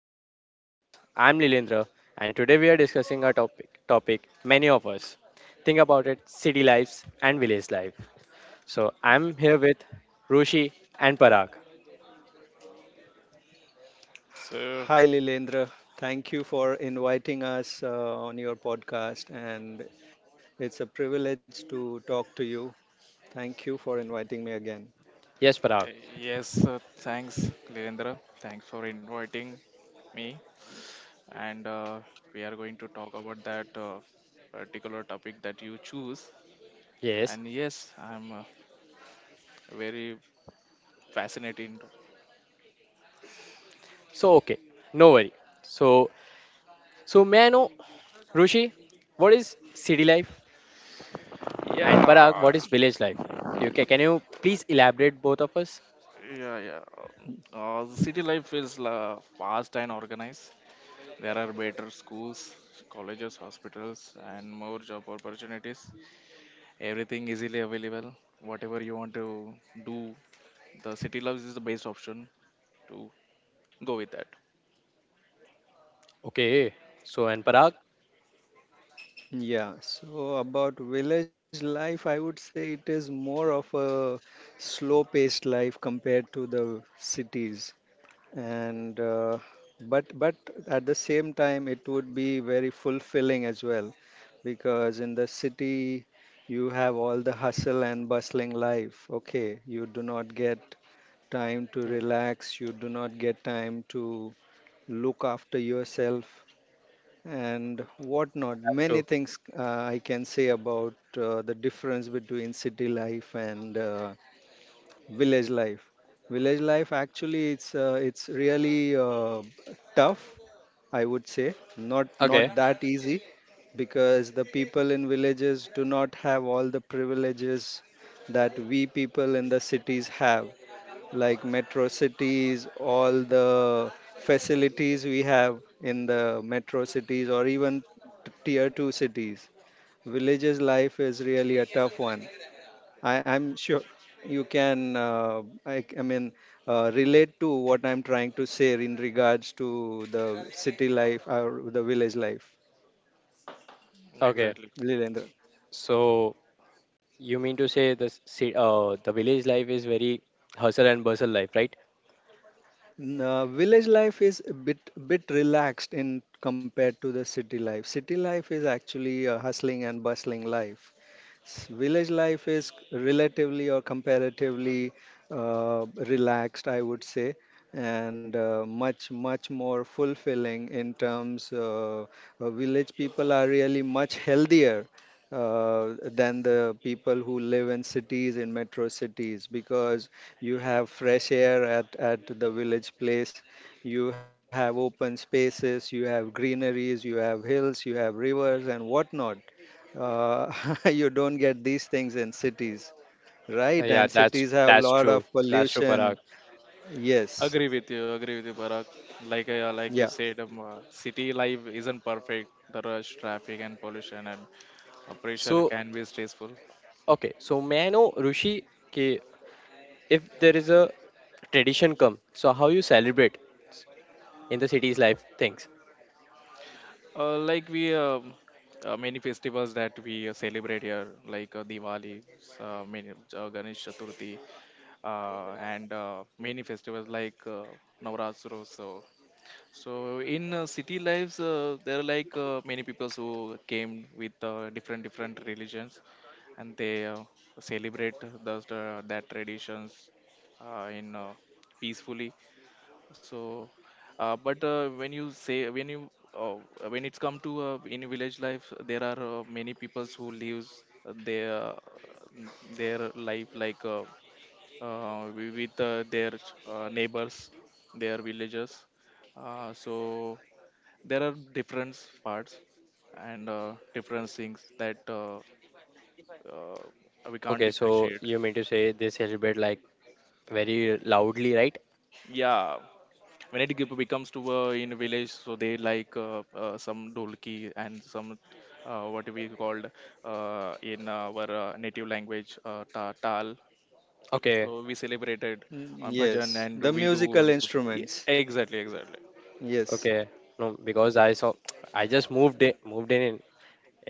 back to the podcast. I'm Lilendra, and today we are discussing a topic many of us think about it, city lives and village life. So, I'm here with Rushi and Parag. So, Hi, Lilendra. Thank you for inviting us on your podcast, and it's a privilege to talk to you. Thank you for inviting me again. Yes, Parag. uh, yes, thanks, Lirendra. Thanks for inviting me. And we are going to talk about that particular topic that you choose. Yes. And yes, I'm very fascinated. So, okay. No worry. So, so, may I know, Rushi, what is city life, and Yeah, Parag, what is village life? Can you please elaborate both of us? yeah, yeah. The city life feels la fast and organized. There are better schools, colleges, hospitals, and more job opportunities. Everything easily available. Whatever you want to do, the city loves is the best option to go with that. Okay. So, and Parag? Yeah, so about village life, I would say it is more of a slow-paced life compared to the cities, and but at the same time, it would be very fulfilling as well because in the city you have all the hustle and bustling life. Okay, you do not get time to relax, you do not get time to look after yourself and whatnot. That's Many true. things I can say about the difference between city life and village life. Village life actually it's really tough, I would say. Not Okay. not that easy because the people in villages do not have all the privileges that we people in the cities have, like metro cities, all the facilities we have in the metro cities or even tier 2 cities. Villages life is really a tough one. I'm sure you can, relate to what I'm trying to say in regards to the city life or the village life. Okay. Exactly. Lilendra. So, you mean to say the the village life is very hustle and bustle life, right? No, village life is a bit relaxed in compared to the city life. City life is actually a hustling and bustling life. Village life is relatively or comparatively relaxed, I would say, and much more fulfilling in terms. Village people are really much healthier than the people who live in cities in metro cities because you have fresh air at the village place. You have open spaces, you have greeneries, you have hills, you have rivers, and whatnot. Uh, you don't get these things in cities, Uh, right? yeah, And that's cities have a that's lot true. of That's true, Parag. pollution. Yes. Agree with you, Parag. Like you Yeah. said, city life isn't perfect. The rush traffic and pollution and pressure So, can be stressful. okay. So may I know, Rushi, ki if there is a tradition come, so how you celebrate in the city's life things? Like we Many festivals that we celebrate here, like Diwali, s- uh, many, Ganesh Chaturthi, and many festivals like Navratri. So, in city lives, there are, like, many people who came with different different religions, and they celebrate those that traditions in peacefully. So, but when you say when you uh, when it's come to, in village life, there are many people who lives their life, like, with their neighbors, their villagers. So there are different parts and different things that uh, we can't Okay, so differentiate. you mean to say they celebrate like very loudly, right? Yeah. When it becomes to, in village, so they, like, some dolki and some, what we called in our native language, tal. So Okay, we celebrated Mm, on bhajan, yes. and The we do. musical And so, yeah, instruments. exactly. Yes. okay. No, because I saw, I just moved in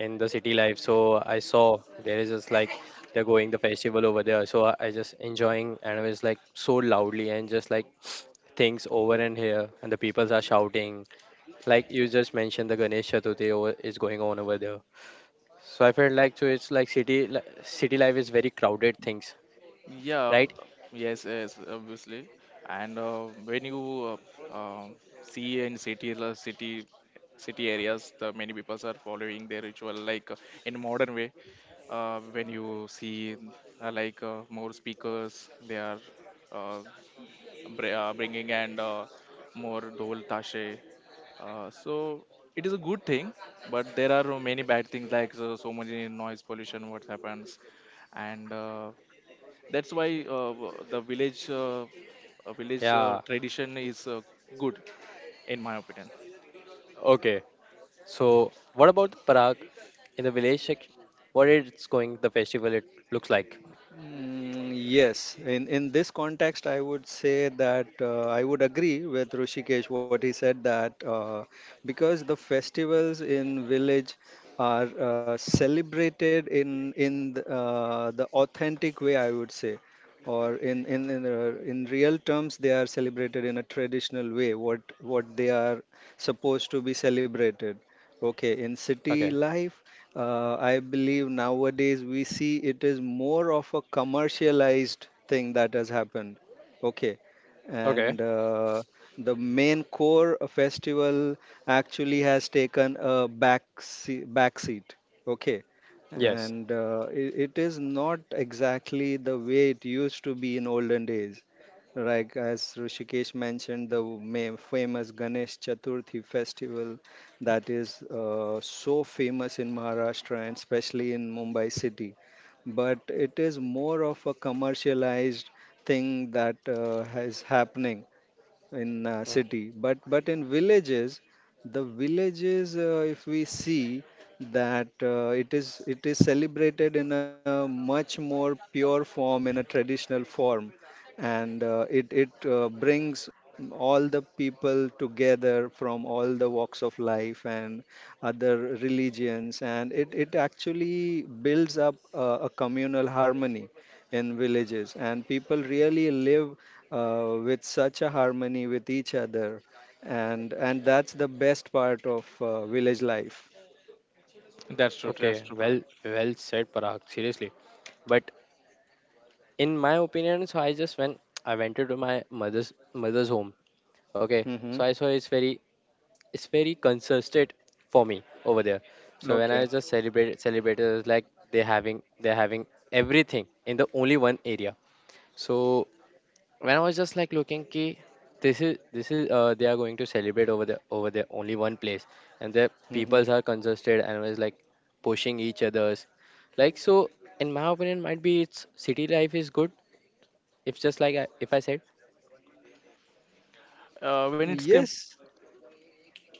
in the city life. So I saw there is just like they're going the festival over there. So I just enjoying and it was like so loudly and just like, things over and here, and the peoples are shouting. Like you just mentioned, the Ganesh Chaturthi over, is going on over there. So I felt like, so it's like city life is very crowded things, Yeah. Right? Yes, yes, obviously. And when you uh, um see in city areas, the many people are following their ritual, like, in modern way. When you see, like, more speakers, they are uh, bringing, and more dol tashe. So it is a good thing, but there are many bad things like so much noise pollution. What happens? And that's why, w- the village village Yeah. tradition is, good, in my opinion. Okay. So what about Prague in the village section? What it's going the festival it looks like? Mm, yes, in this context, I would say that I would agree with Rishikesh what he said that because the festivals in village are celebrated in the authentic way, I would say, or in real terms, they are celebrated in a traditional way. What they are supposed to be celebrated. Okay, in city Okay. life I believe nowadays we see it is more of a commercialized thing that has happened. Okay. Okay. And the main core festival actually has taken a back seat, back seat. Okay. Yes. And it is not exactly the way it used to be in olden days. Like as Rishikesh mentioned, the famous Ganesh Chaturthi festival that is so famous in Maharashtra and especially in Mumbai city. But it is more of a commercialized thing that is happening in city but in villages the villages if we see that it is celebrated in a much more pure form in a traditional form and it it brings all the people together from all the walks of life and other religions and it actually builds up a communal harmony in villages and people really live with such a harmony with each other, and that's the best part of village life. That's true, that's Okay, true, Parag. well, well said, Parag. Seriously, but in my opinion, so I just when I went to my mother's home. Okay, so Hmm. I saw it's very, it's very consistent for me over there. So when I Okay. just celebrated, it's like they're having everything in the only one area. So when I was just like looking ki, this is they are going to celebrate over there, only one place, and the Hmm. peoples are congested and was like pushing each others, like so, in my opinion might be it's city life is good if just like I, if I said, uh, when it's come Yes.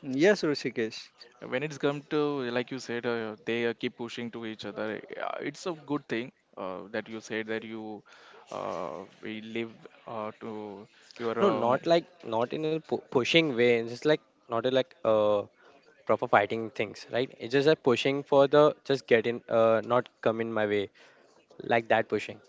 Yes, Rishikesh. when it's come to, like you said, they keep pushing to each other, it's a good thing that you said that you, we live to your no, not like not in a pushing way, it's just like not a like proper fighting things, right? It's just a pushing for the just get in, not come in my way, like that pushing.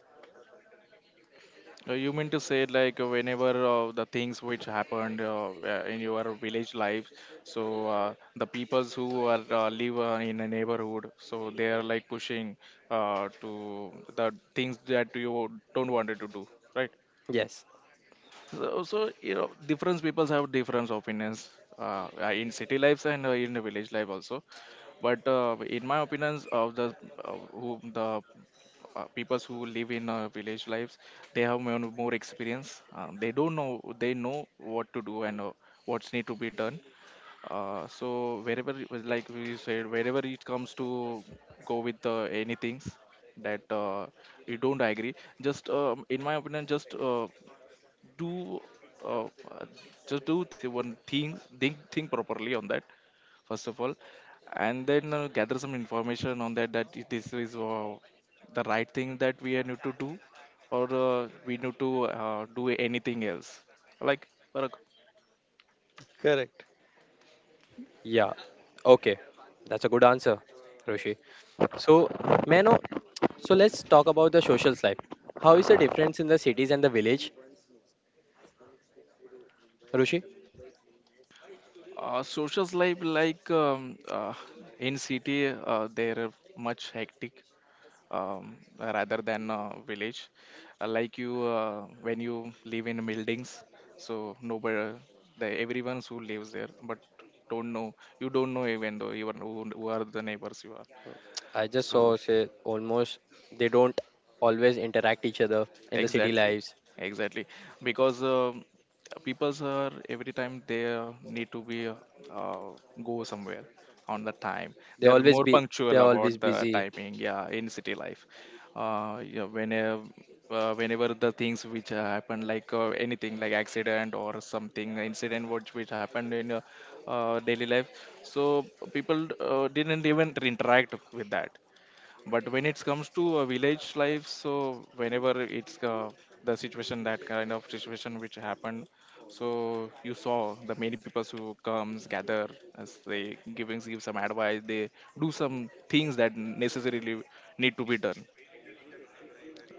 You mean to say, like, whenever the things which happened, in your village life, so the peoples who are live in a neighborhood, so they are, like, pushing to the things that you don't wanted to do, right? Yes. So, you know, different peoples have different opinions, in city lives, and in the village life also, but in my opinions of the, who the peoples who live in village lives, they have more experience. They don't know they know what to do and what's need to be done. So wherever it was, like we said, wherever it comes to go with, anything that you don't agree, just, in my opinion, just do uh, uh, just do th- one things think properly on that first of all, and then gather some information on that this is the right thing that we need to do, or we need to do anything else. Like for a Correct. Yeah, okay, that's a good answer, Roshi. So, Mano, so let's talk about the social life. How is the difference in the cities and the village, Rushi? Social life, like, in city, they're much hectic, rather than village. Like when you live in buildings, so nobody, the everyone's who lives there, but don't know. You don't know even though, even who are the neighbors you are. I just So, saw say almost they don't always interact each other in the city exactly, lives. exactly, because people's are every time they need to be, uh, go somewhere on the time. They They are always more be, punctual they're about always the busy. timing, yeah, in city life. Yeah, whenever the things which happen, like anything like accident or something, incident which happened in daily life, so people didn't even interact with that. But when it comes to village life, so whenever it's the situation that kind of situation which happened, so you saw the many people who comes gather, as they giving give some advice, they do some things that necessarily need to be done,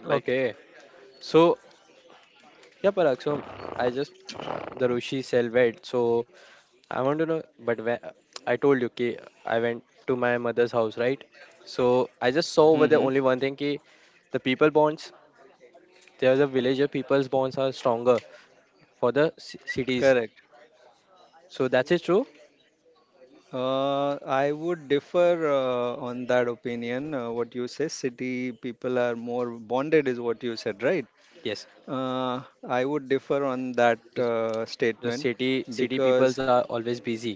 like. Okay. So yeah, Parag. So I just the Rushi cell wed. So I want to know. But when, I told you ki I went to my mother's house, right? So I just saw over Hmm. there only one thing ki the people bonds, there, the villager people's bonds are stronger for the cities. Correct. So that's it true. I would differ on that opinion. What you say, city people are more bonded, is what you said, right? Yes, I would differ on that the, the statement city city because peoples are always busy.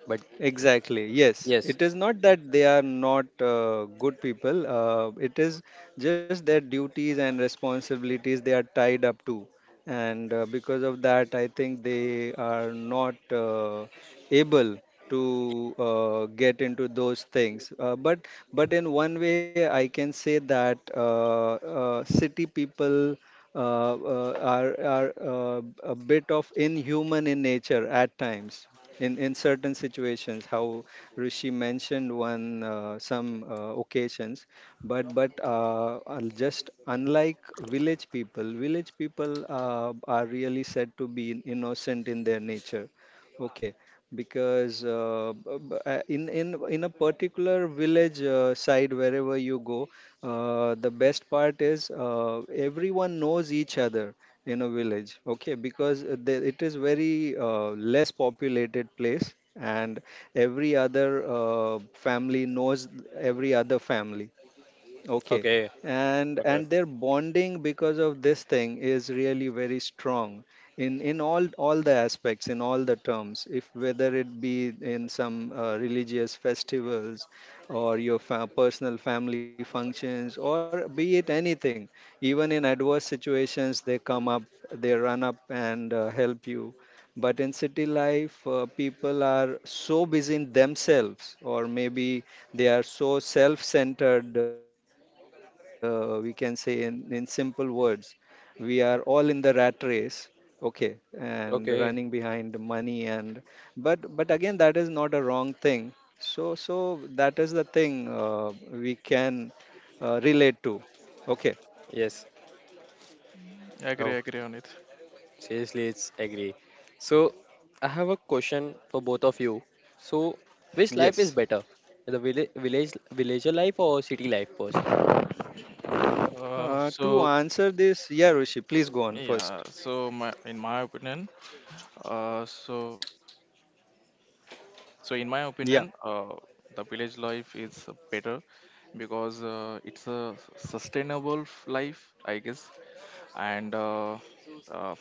But exactly. Yes. yes, It is not that they are not good people. It is just their duties and responsibilities they are tied up to and because of that I think they are not able to get into those things but in one way I can say that city people are a bit of inhuman in nature at times in certain situations how Rishi mentioned one some occasions but just unlike village people, village people are really said to be innocent in their nature. Okay, because in a particular village side wherever you go, the best part is, everyone knows each other in a village. Okay, because it is very less populated place, and every other family knows every other family. Okay. okay, okay, And their bonding because of this thing is really very strong in all the aspects in all the terms, if whether it be in some religious festivals or your personal family functions or be it anything, even in adverse situations they come up, they run up and help you. But in city life, people are so busy in themselves, or maybe they are so self centered, we can say in simple words. We are all in the rat race, okay, and running behind okay. money and but again that is not a wrong thing. So that is the thing we can relate to. Okay, Yes. Agree, Oh, agree on it. seriously, it's agree. So I have a question for both of you. So which yes. life is better, the village villager life or city life person? To So answer this, yeah, Rishi, please go on first. yeah so my uh, so in my Yeah, opinion, the village life is better, because it's a sustainable life, I guess, and uh,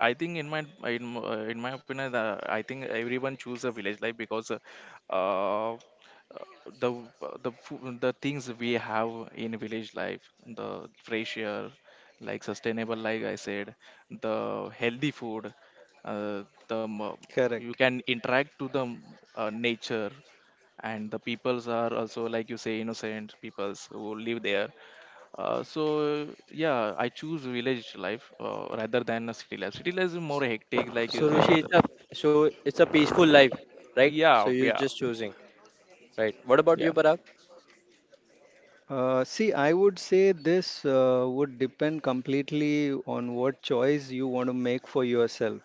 I think in my in, m- in my opinion, I think everyone choose a village life, because uh, the the things we have in village life, the fresh air, like sustainable, like I said, the healthy food, uh, the m- correct. you can interact to the nature, and the peoples are also, like you say, innocent peoples who live there. So, yeah, I choose village life, rather than a city life. City life is more hectic, like you So said. Rushi, it's a, so it's a peaceful life, right? Yeah, So you're yeah, just choosing, right? What about yeah. you, Parag? See, I would say this would depend completely on what choice you want to make for yourself.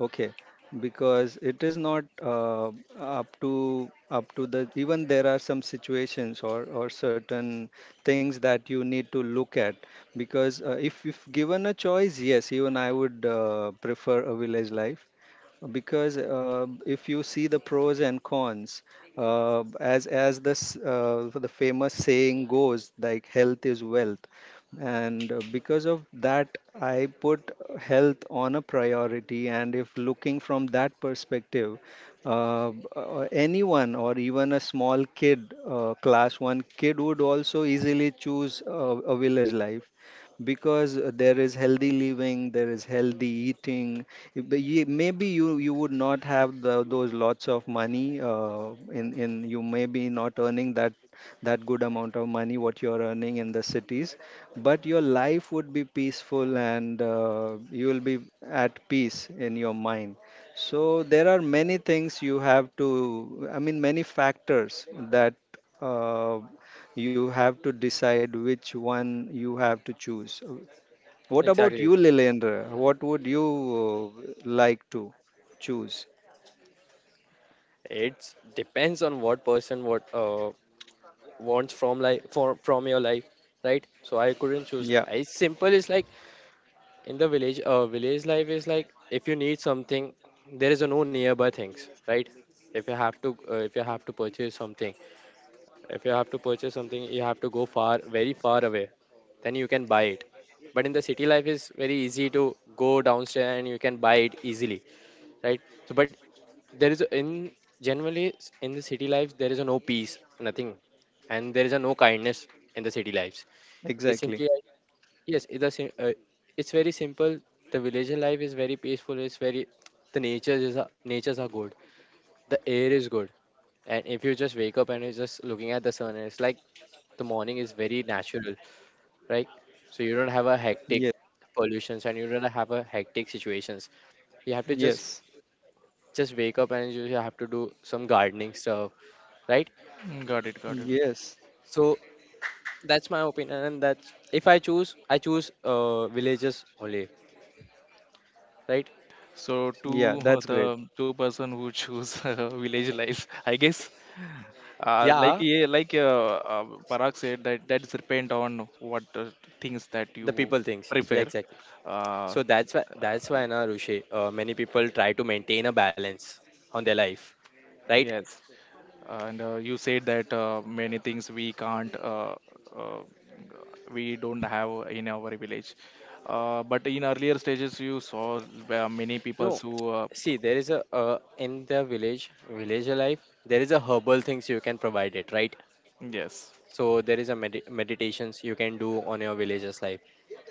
Okay, because it is not up to up to the even there are some situations or certain things that you need to look at because if given a choice, yes, even I would prefer a village life because if you see the pros and cons as this the famous saying goes like health is wealth and because of that I put health on a priority, and if looking from that perspective, uh, anyone or even a small kid, class 1 kid would also easily choose a village life because there is healthy living, there is healthy eating. But maybe you you would not have the, those lots of money in you may be not earning that that good amount of money what you're earning in the cities, but your life would be peaceful and you will be at peace in your mind. So there are many things you have to I mean many factors that uh, you have to decide which one you have to choose. What about you, Exactly. Lilendra? What would you like to choose? It depends on what person what wants from life for from your life, right? So I couldn't choose. Yeah, It's simple. It's like in the village. Village life is like if you need something, there is a no nearby things, right? If you have to, if you have to purchase something, if you have to purchase something, you have to go far, very far away. Then you can buy it. But in the city life is very easy to go downstairs and you can buy it easily, right? So, but there is a- in generally s- in the city life there is a no peace, nothing, and there is a no kindness in the city lives. It's simply exactly. like, yes it's a, sim- it's very simple. The villager life is very peaceful, it's very, the nature is a- natures are good, the air is good, and if you just wake up and you're just looking at the sun, and it's like the morning is very natural, right? So you don't have a Yes, hectic pollutions, and you don't have a hectic situations. You have to just yes, just wake up and you have to do some gardening stuff, right? Mm. Got it, got it. yes. So that's my opinion, and that's if I choose, I choose villages only, right? So Yeah, two that's great. the two-person who choose village life, I guess. Uh, like Yeah, yeah, like uh, uh, Parag said, that that's depend on what things that the you people things. Yeah, prefer. exactly. Uh, uh, So that's why na Rushi, many people try to maintain a balance on their life, right? yes, and you said that many things uh, we don't have in our village, but in earlier stages you saw many people No, who see, there is a in the village villager life there is a herbal things you can provide it, right? yes, So there is a meditations you can do on your villager's life,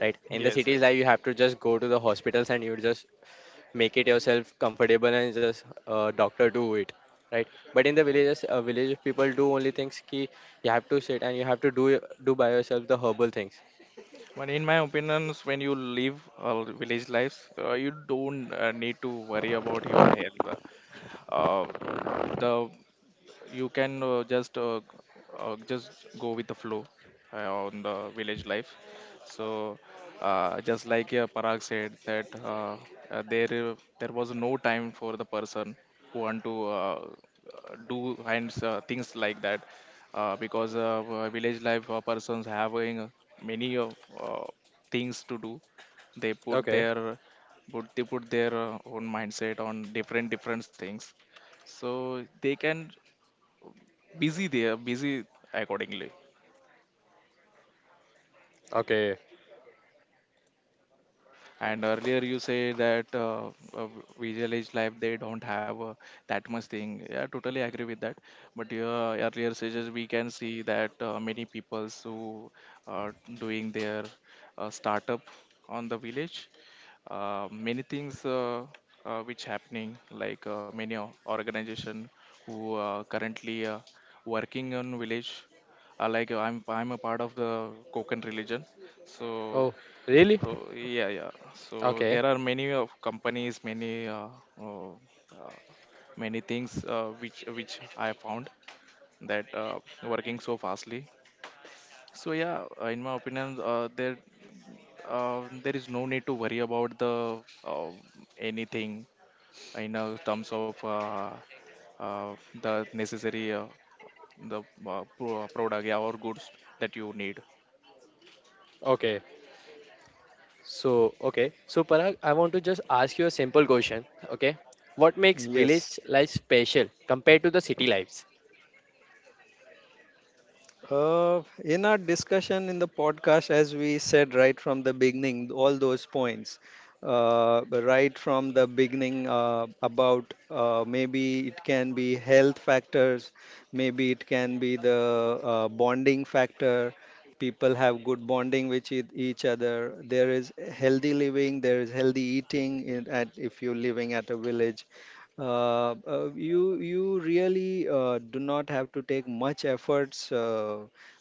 right? In the yes, city's yes, life, you have to just go to the hospitals and you just make it yourself comfortable and just doctor do it, right? But in the villages village people do only things ki you have to sit and you have to do do by yourself the herbal things. but in my opinions, when you live village lives, you don't need to worry about your health. Uh, the You can just go with the flow, on the village life. So just like Parag said that, there was no time for the person who want to uh, do, and things like that, because village life persons having many, uh, things to do. they put Okay. their they put their own mindset on different different things, so they can busy, there busy accordingly. Okay. And earlier, you say that, village life they don't have that much thing, yeah, totally agree with that, but earlier stages we can see that many people who are doing their startup on the village, many things, which happening, like many organization who currently working on village, like, I'm a part of the Kokan religion, so. Oh, really? So, yeah, so Okay. there are many of companies, many, uh, uh, many things, which I found that working so fastly. So, yeah, in my opinion, there is no need to worry about the uh, anything, in terms of uh, the necessary, the product, yeah, or goods that you need. Okay. So, okay. So, Parag, I want to just ask you a simple question. Okay. What makes village Yes. life special compared to the city lives? In our discussion in the podcast, as we said right from the beginning, all those points, right from the beginning about maybe it can be health factors, maybe it can be the bonding factor. People have good bonding with each other. There is healthy living, there is healthy eating. In, at, if you're living at a village, you you really do not have to take much efforts uh,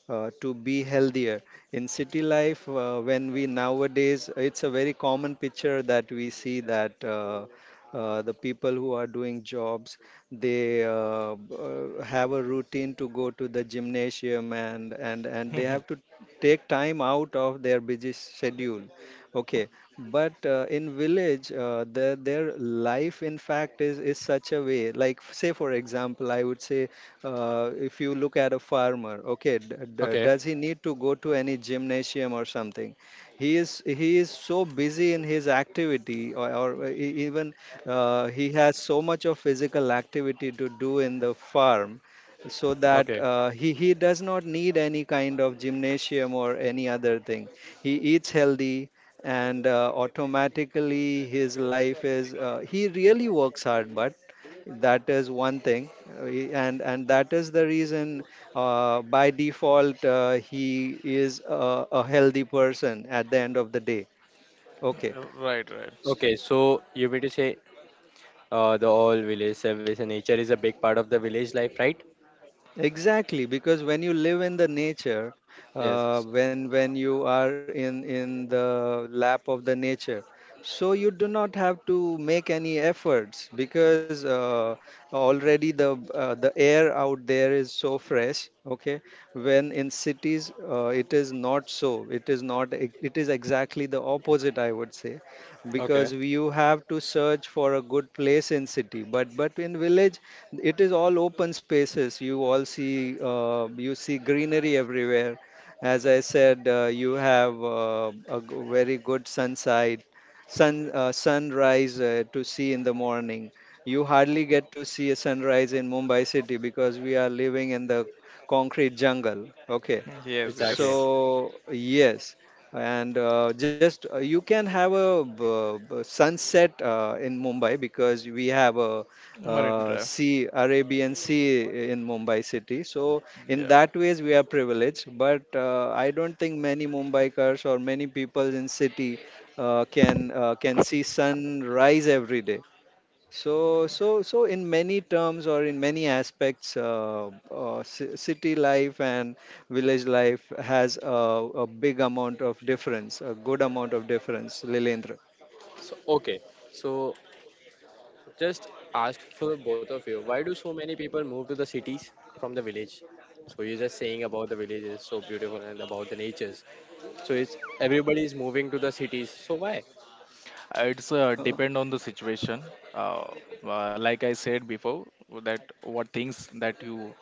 uh, to be healthier. In city life when we nowadays it's a very common picture that we see that the people who are doing jobs, they have a routine to go to the gymnasium and they have to take time out of their busy schedule, okay, but in village their life in fact is such a way, like say for example I would say, if you look at a farmer, okay, Okay, does he need to go to any gymnasium or something? He is so busy in his activity, or even he has so much of physical activity to do in the farm, so that okay, he does not need any kind of gymnasium or any other thing. He eats healthy, and automatically his life is he really works hard, but that is one thing. And that is the reason, by default he is a healthy person at the end of the day, okay. Right, right. okay. So you mean to say the all village service and nature is a big part of the village life, right? Exactly, because when you live in the nature, uh, Yes. when when you are in the lap of the nature, so you do not have to make any efforts because already the air out there is so fresh. Okay, when in cities it is not so. It is not. It is exactly the opposite, I would say, Okay, because you have to search for a good place in city. But in village it is all open spaces, you all see, you see greenery everywhere. As I said, you have very good sunside sun sunrise to see in the morning. You hardly get to see a sunrise in Mumbai city because we are living in the concrete jungle, okay, Yes, so exactly. yes. yes. And just you can have a sunset in Mumbai because we have a Marine Drive. sea, Arabian Sea in Mumbai city. So in Yeah. that ways we are privileged, but I don't think many Mumbaikars or many people in city can see sun rise every day. So in many terms or in many aspects, city life and village life has a big amount of difference, a good amount of difference, Lilendra. So, okay. So, just ask for both of you, why do so many people move to the cities from the village? So, you're just saying about the village is so beautiful and about the natures. So, it's everybody is moving to the cities. So, why? It's Uh, depend on the situation. Uh, like I said before, that what things that you,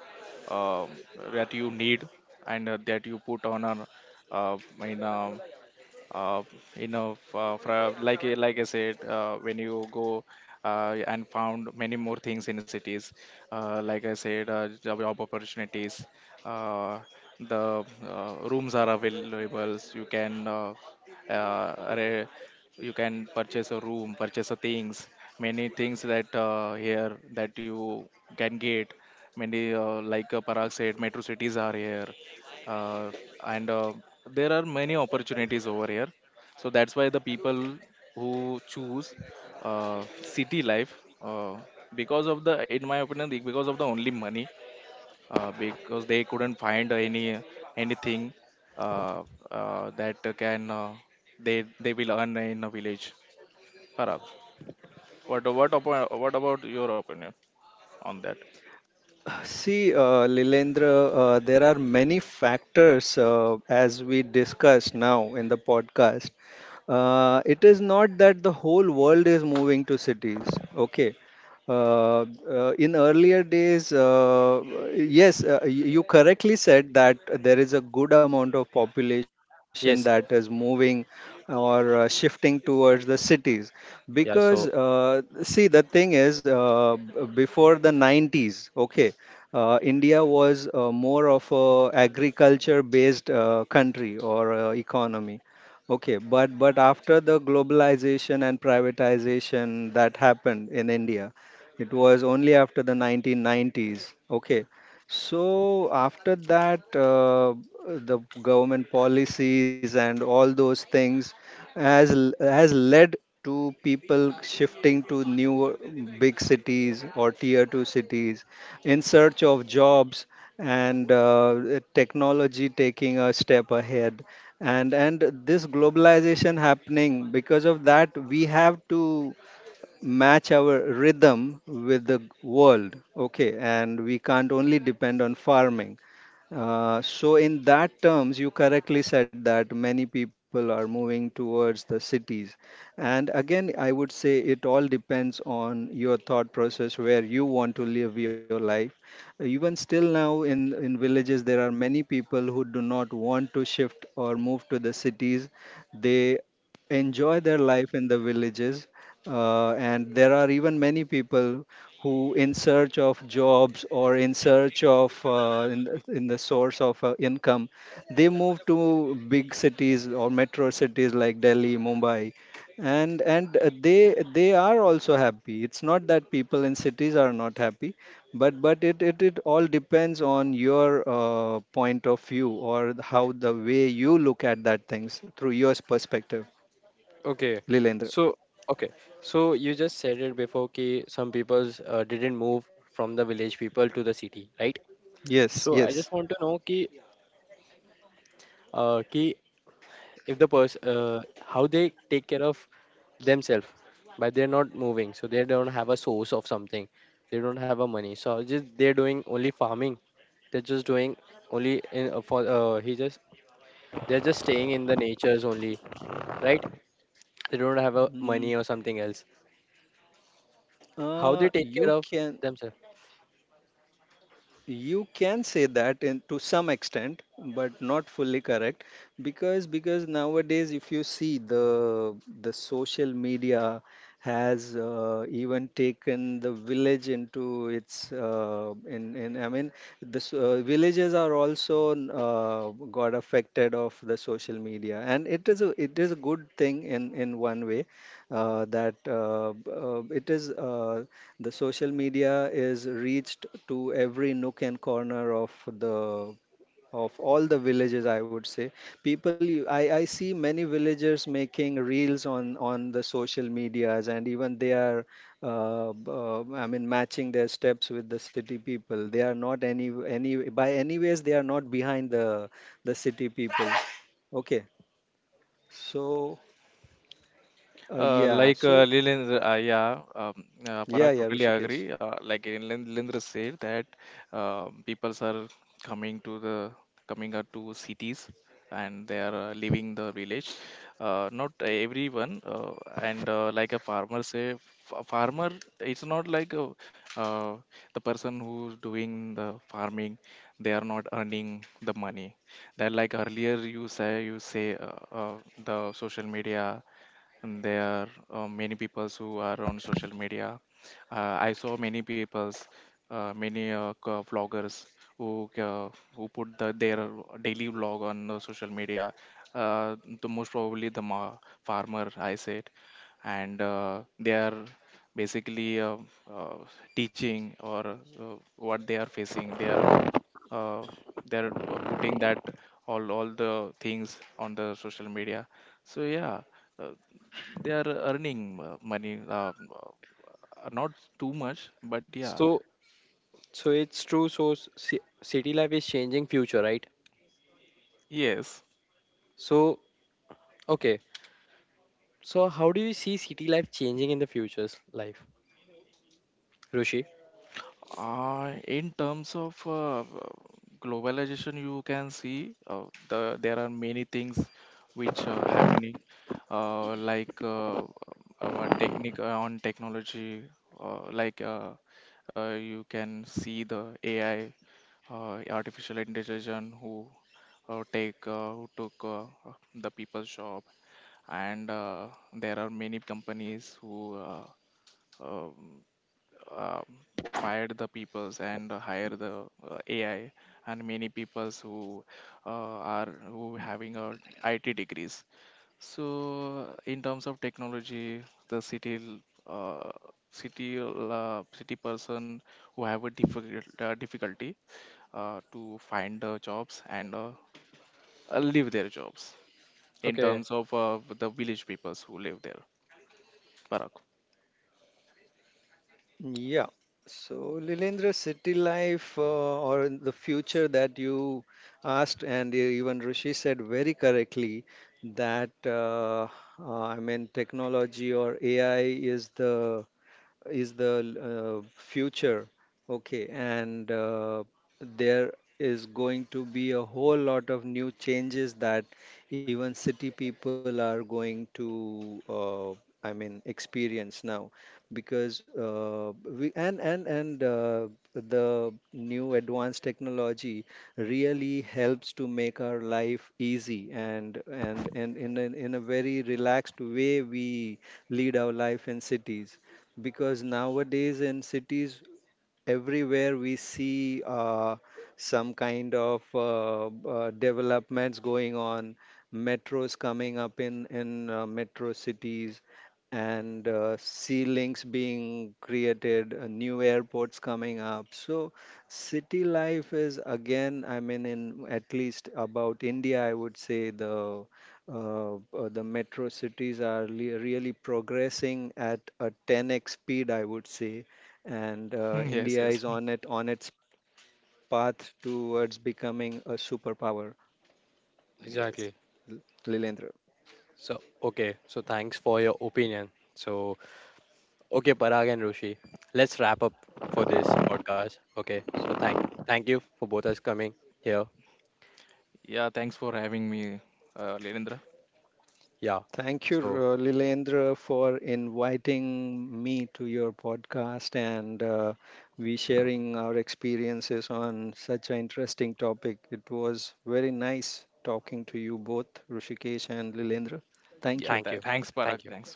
um that you need, and that you put on a, uh, in a uh, you know, like I said, when you go, and found many more things in cities, like I said, job opportunities, uh, the rooms are available. You can uh, re- purchase a room, purchase a things, many things that, here that you can get, many, like Parag said, metro cities are here, uh, and there are many opportunities over here, so that's why the people who choose city life, because of the, in my opinion, because of the only money, because they couldn't find anything, uh, that can they will earn in a village. Parag, what about your opinion on that? See, Lilendra, there are many factors as we discussed now in the podcast. It is not that the whole world is moving to cities. Okay. In earlier days, yes, you correctly said that there is a good amount of population that is Yes. moving or shifting towards the cities. Because, Yeah. So, see, the thing is, before the 90s, okay, India was more of a agriculture based country or economy. Okay, but after the globalization and privatization that happened in India, it was only after the 1990s. Okay, so after that, the government policies and all those things has led to people shifting to new big cities or tier two cities in search of jobs, and technology taking a step ahead, and this globalization happening. Because of that, we have to match our rhythm with the world. Okay, and we can't only depend on farming. So in that terms, you correctly said that many people are moving towards the cities. And again, I would say it all depends on your thought process, where you want to live your life. Even still now, in villages, there are many people who do not want to shift or move to the cities. They enjoy their life in the villages. And there are even many people who in search of jobs or in search of in the source of income, they move to big cities or metro cities like Delhi, Mumbai. And they are also happy. It's not that people in cities are not happy, but it all depends on your point of view, or how the way you look at that things through your perspective, okay. Lilendra. So, okay. So, you just said it before that some people didn't move from the village people to the city, right? Yes, So I yes. just want to know ki, ki if the person how they take care of themselves, but they're not moving so they don't have a source of something, they don't have a money, so just they're doing only farming, they're just doing only in for he just they're just staying in the natures only, right? They don't have a Mm, money or something else, how they Uh, take care you of can themselves. you can say that, in, to some extent, but not fully correct. Because nowadays, if you see the social media has even taken the village into its, uh, in I mean, the villages are also uh, got affected of the social media. And it is a, it is a good thing in one way. That b- it is The social media is reached to every nook and corner of the of all the villages, I would say. People, I see many villagers making reels on the social medias, and even they are I mean, matching their steps with the city people. They are not, any any by any ways, they are not behind the city people. Okay. so uh, yeah Like, so Lilendra, yeah, yeah, Parag, yeah, totally Rishikesh. agree. Like Lilendra said that, peoples are coming to the coming out to cities, and they are leaving the village. Not everyone. And like a a farmer, it's not like a, uh, the person who's doing the farming. They are not earning the money. That, like, earlier you say, the social media, and there are many peoples who are on social media. I saw many peoples, many, vloggers, who uh, who put the, their daily vlog on the social media. Uh, the most probably the farmer, I said, and they are basically, uh, teaching, or what they are facing. Uh, they are putting that all the things on the social media. So, yeah, uh, they are earning money, not too much, but yeah. So, so it's true. So city life is changing future, right? Yes. So okay, so how do you see city life changing in the future's life, Rushi? In terms of globalization, you can see, there are many things which are happening, like, technique on technology, like, you can see the AI, artificial intelligence, who take who took, the people's job, and there are many companies who um, uh, fired the peoples and hire the AI, and many peoples who uh, are who having a IT degrees. So in terms of technology, the l- uh, city person who have a difficulty to find jobs, and leave their jobs in Okay. terms of the village peoples who live there. Parag. Yeah. So, Lilendra, city life or in the future that you asked, and even Rishi said very correctly that, I mean, technology or AI is the is the future. Okay, and there is going to be a whole lot of new changes that even city people are going to, I mean, experience now. Because we and the new advanced technology really helps to make our life easy, and in a very relaxed way, we lead our life in cities. Because nowadays in cities, everywhere we see some kind of developments going on. Metros coming up in metro cities, and sea links being created, new airports coming up. So city life is, again, I mean, in, at least about India, I would say the metro cities are really progressing at a 10x speed, I would say. And Yes, India yes, is on it, on its path towards becoming a superpower. yes. Exactly. L- Lilendra, So, okay. So, thanks for your opinion. So, okay, Parag and Rushi, let's wrap up for this podcast. Okay. So, thank you for both us coming here. Yeah, thanks for having me, Lilendra. Yeah. thank you, So, Lilendra, for inviting me to your podcast, and we sharing our experiences on such an interesting topic. It was very nice talking to you both, Rishikesh and Lilendra. Thank Yeah, you. Thanks, Parag. Thanks.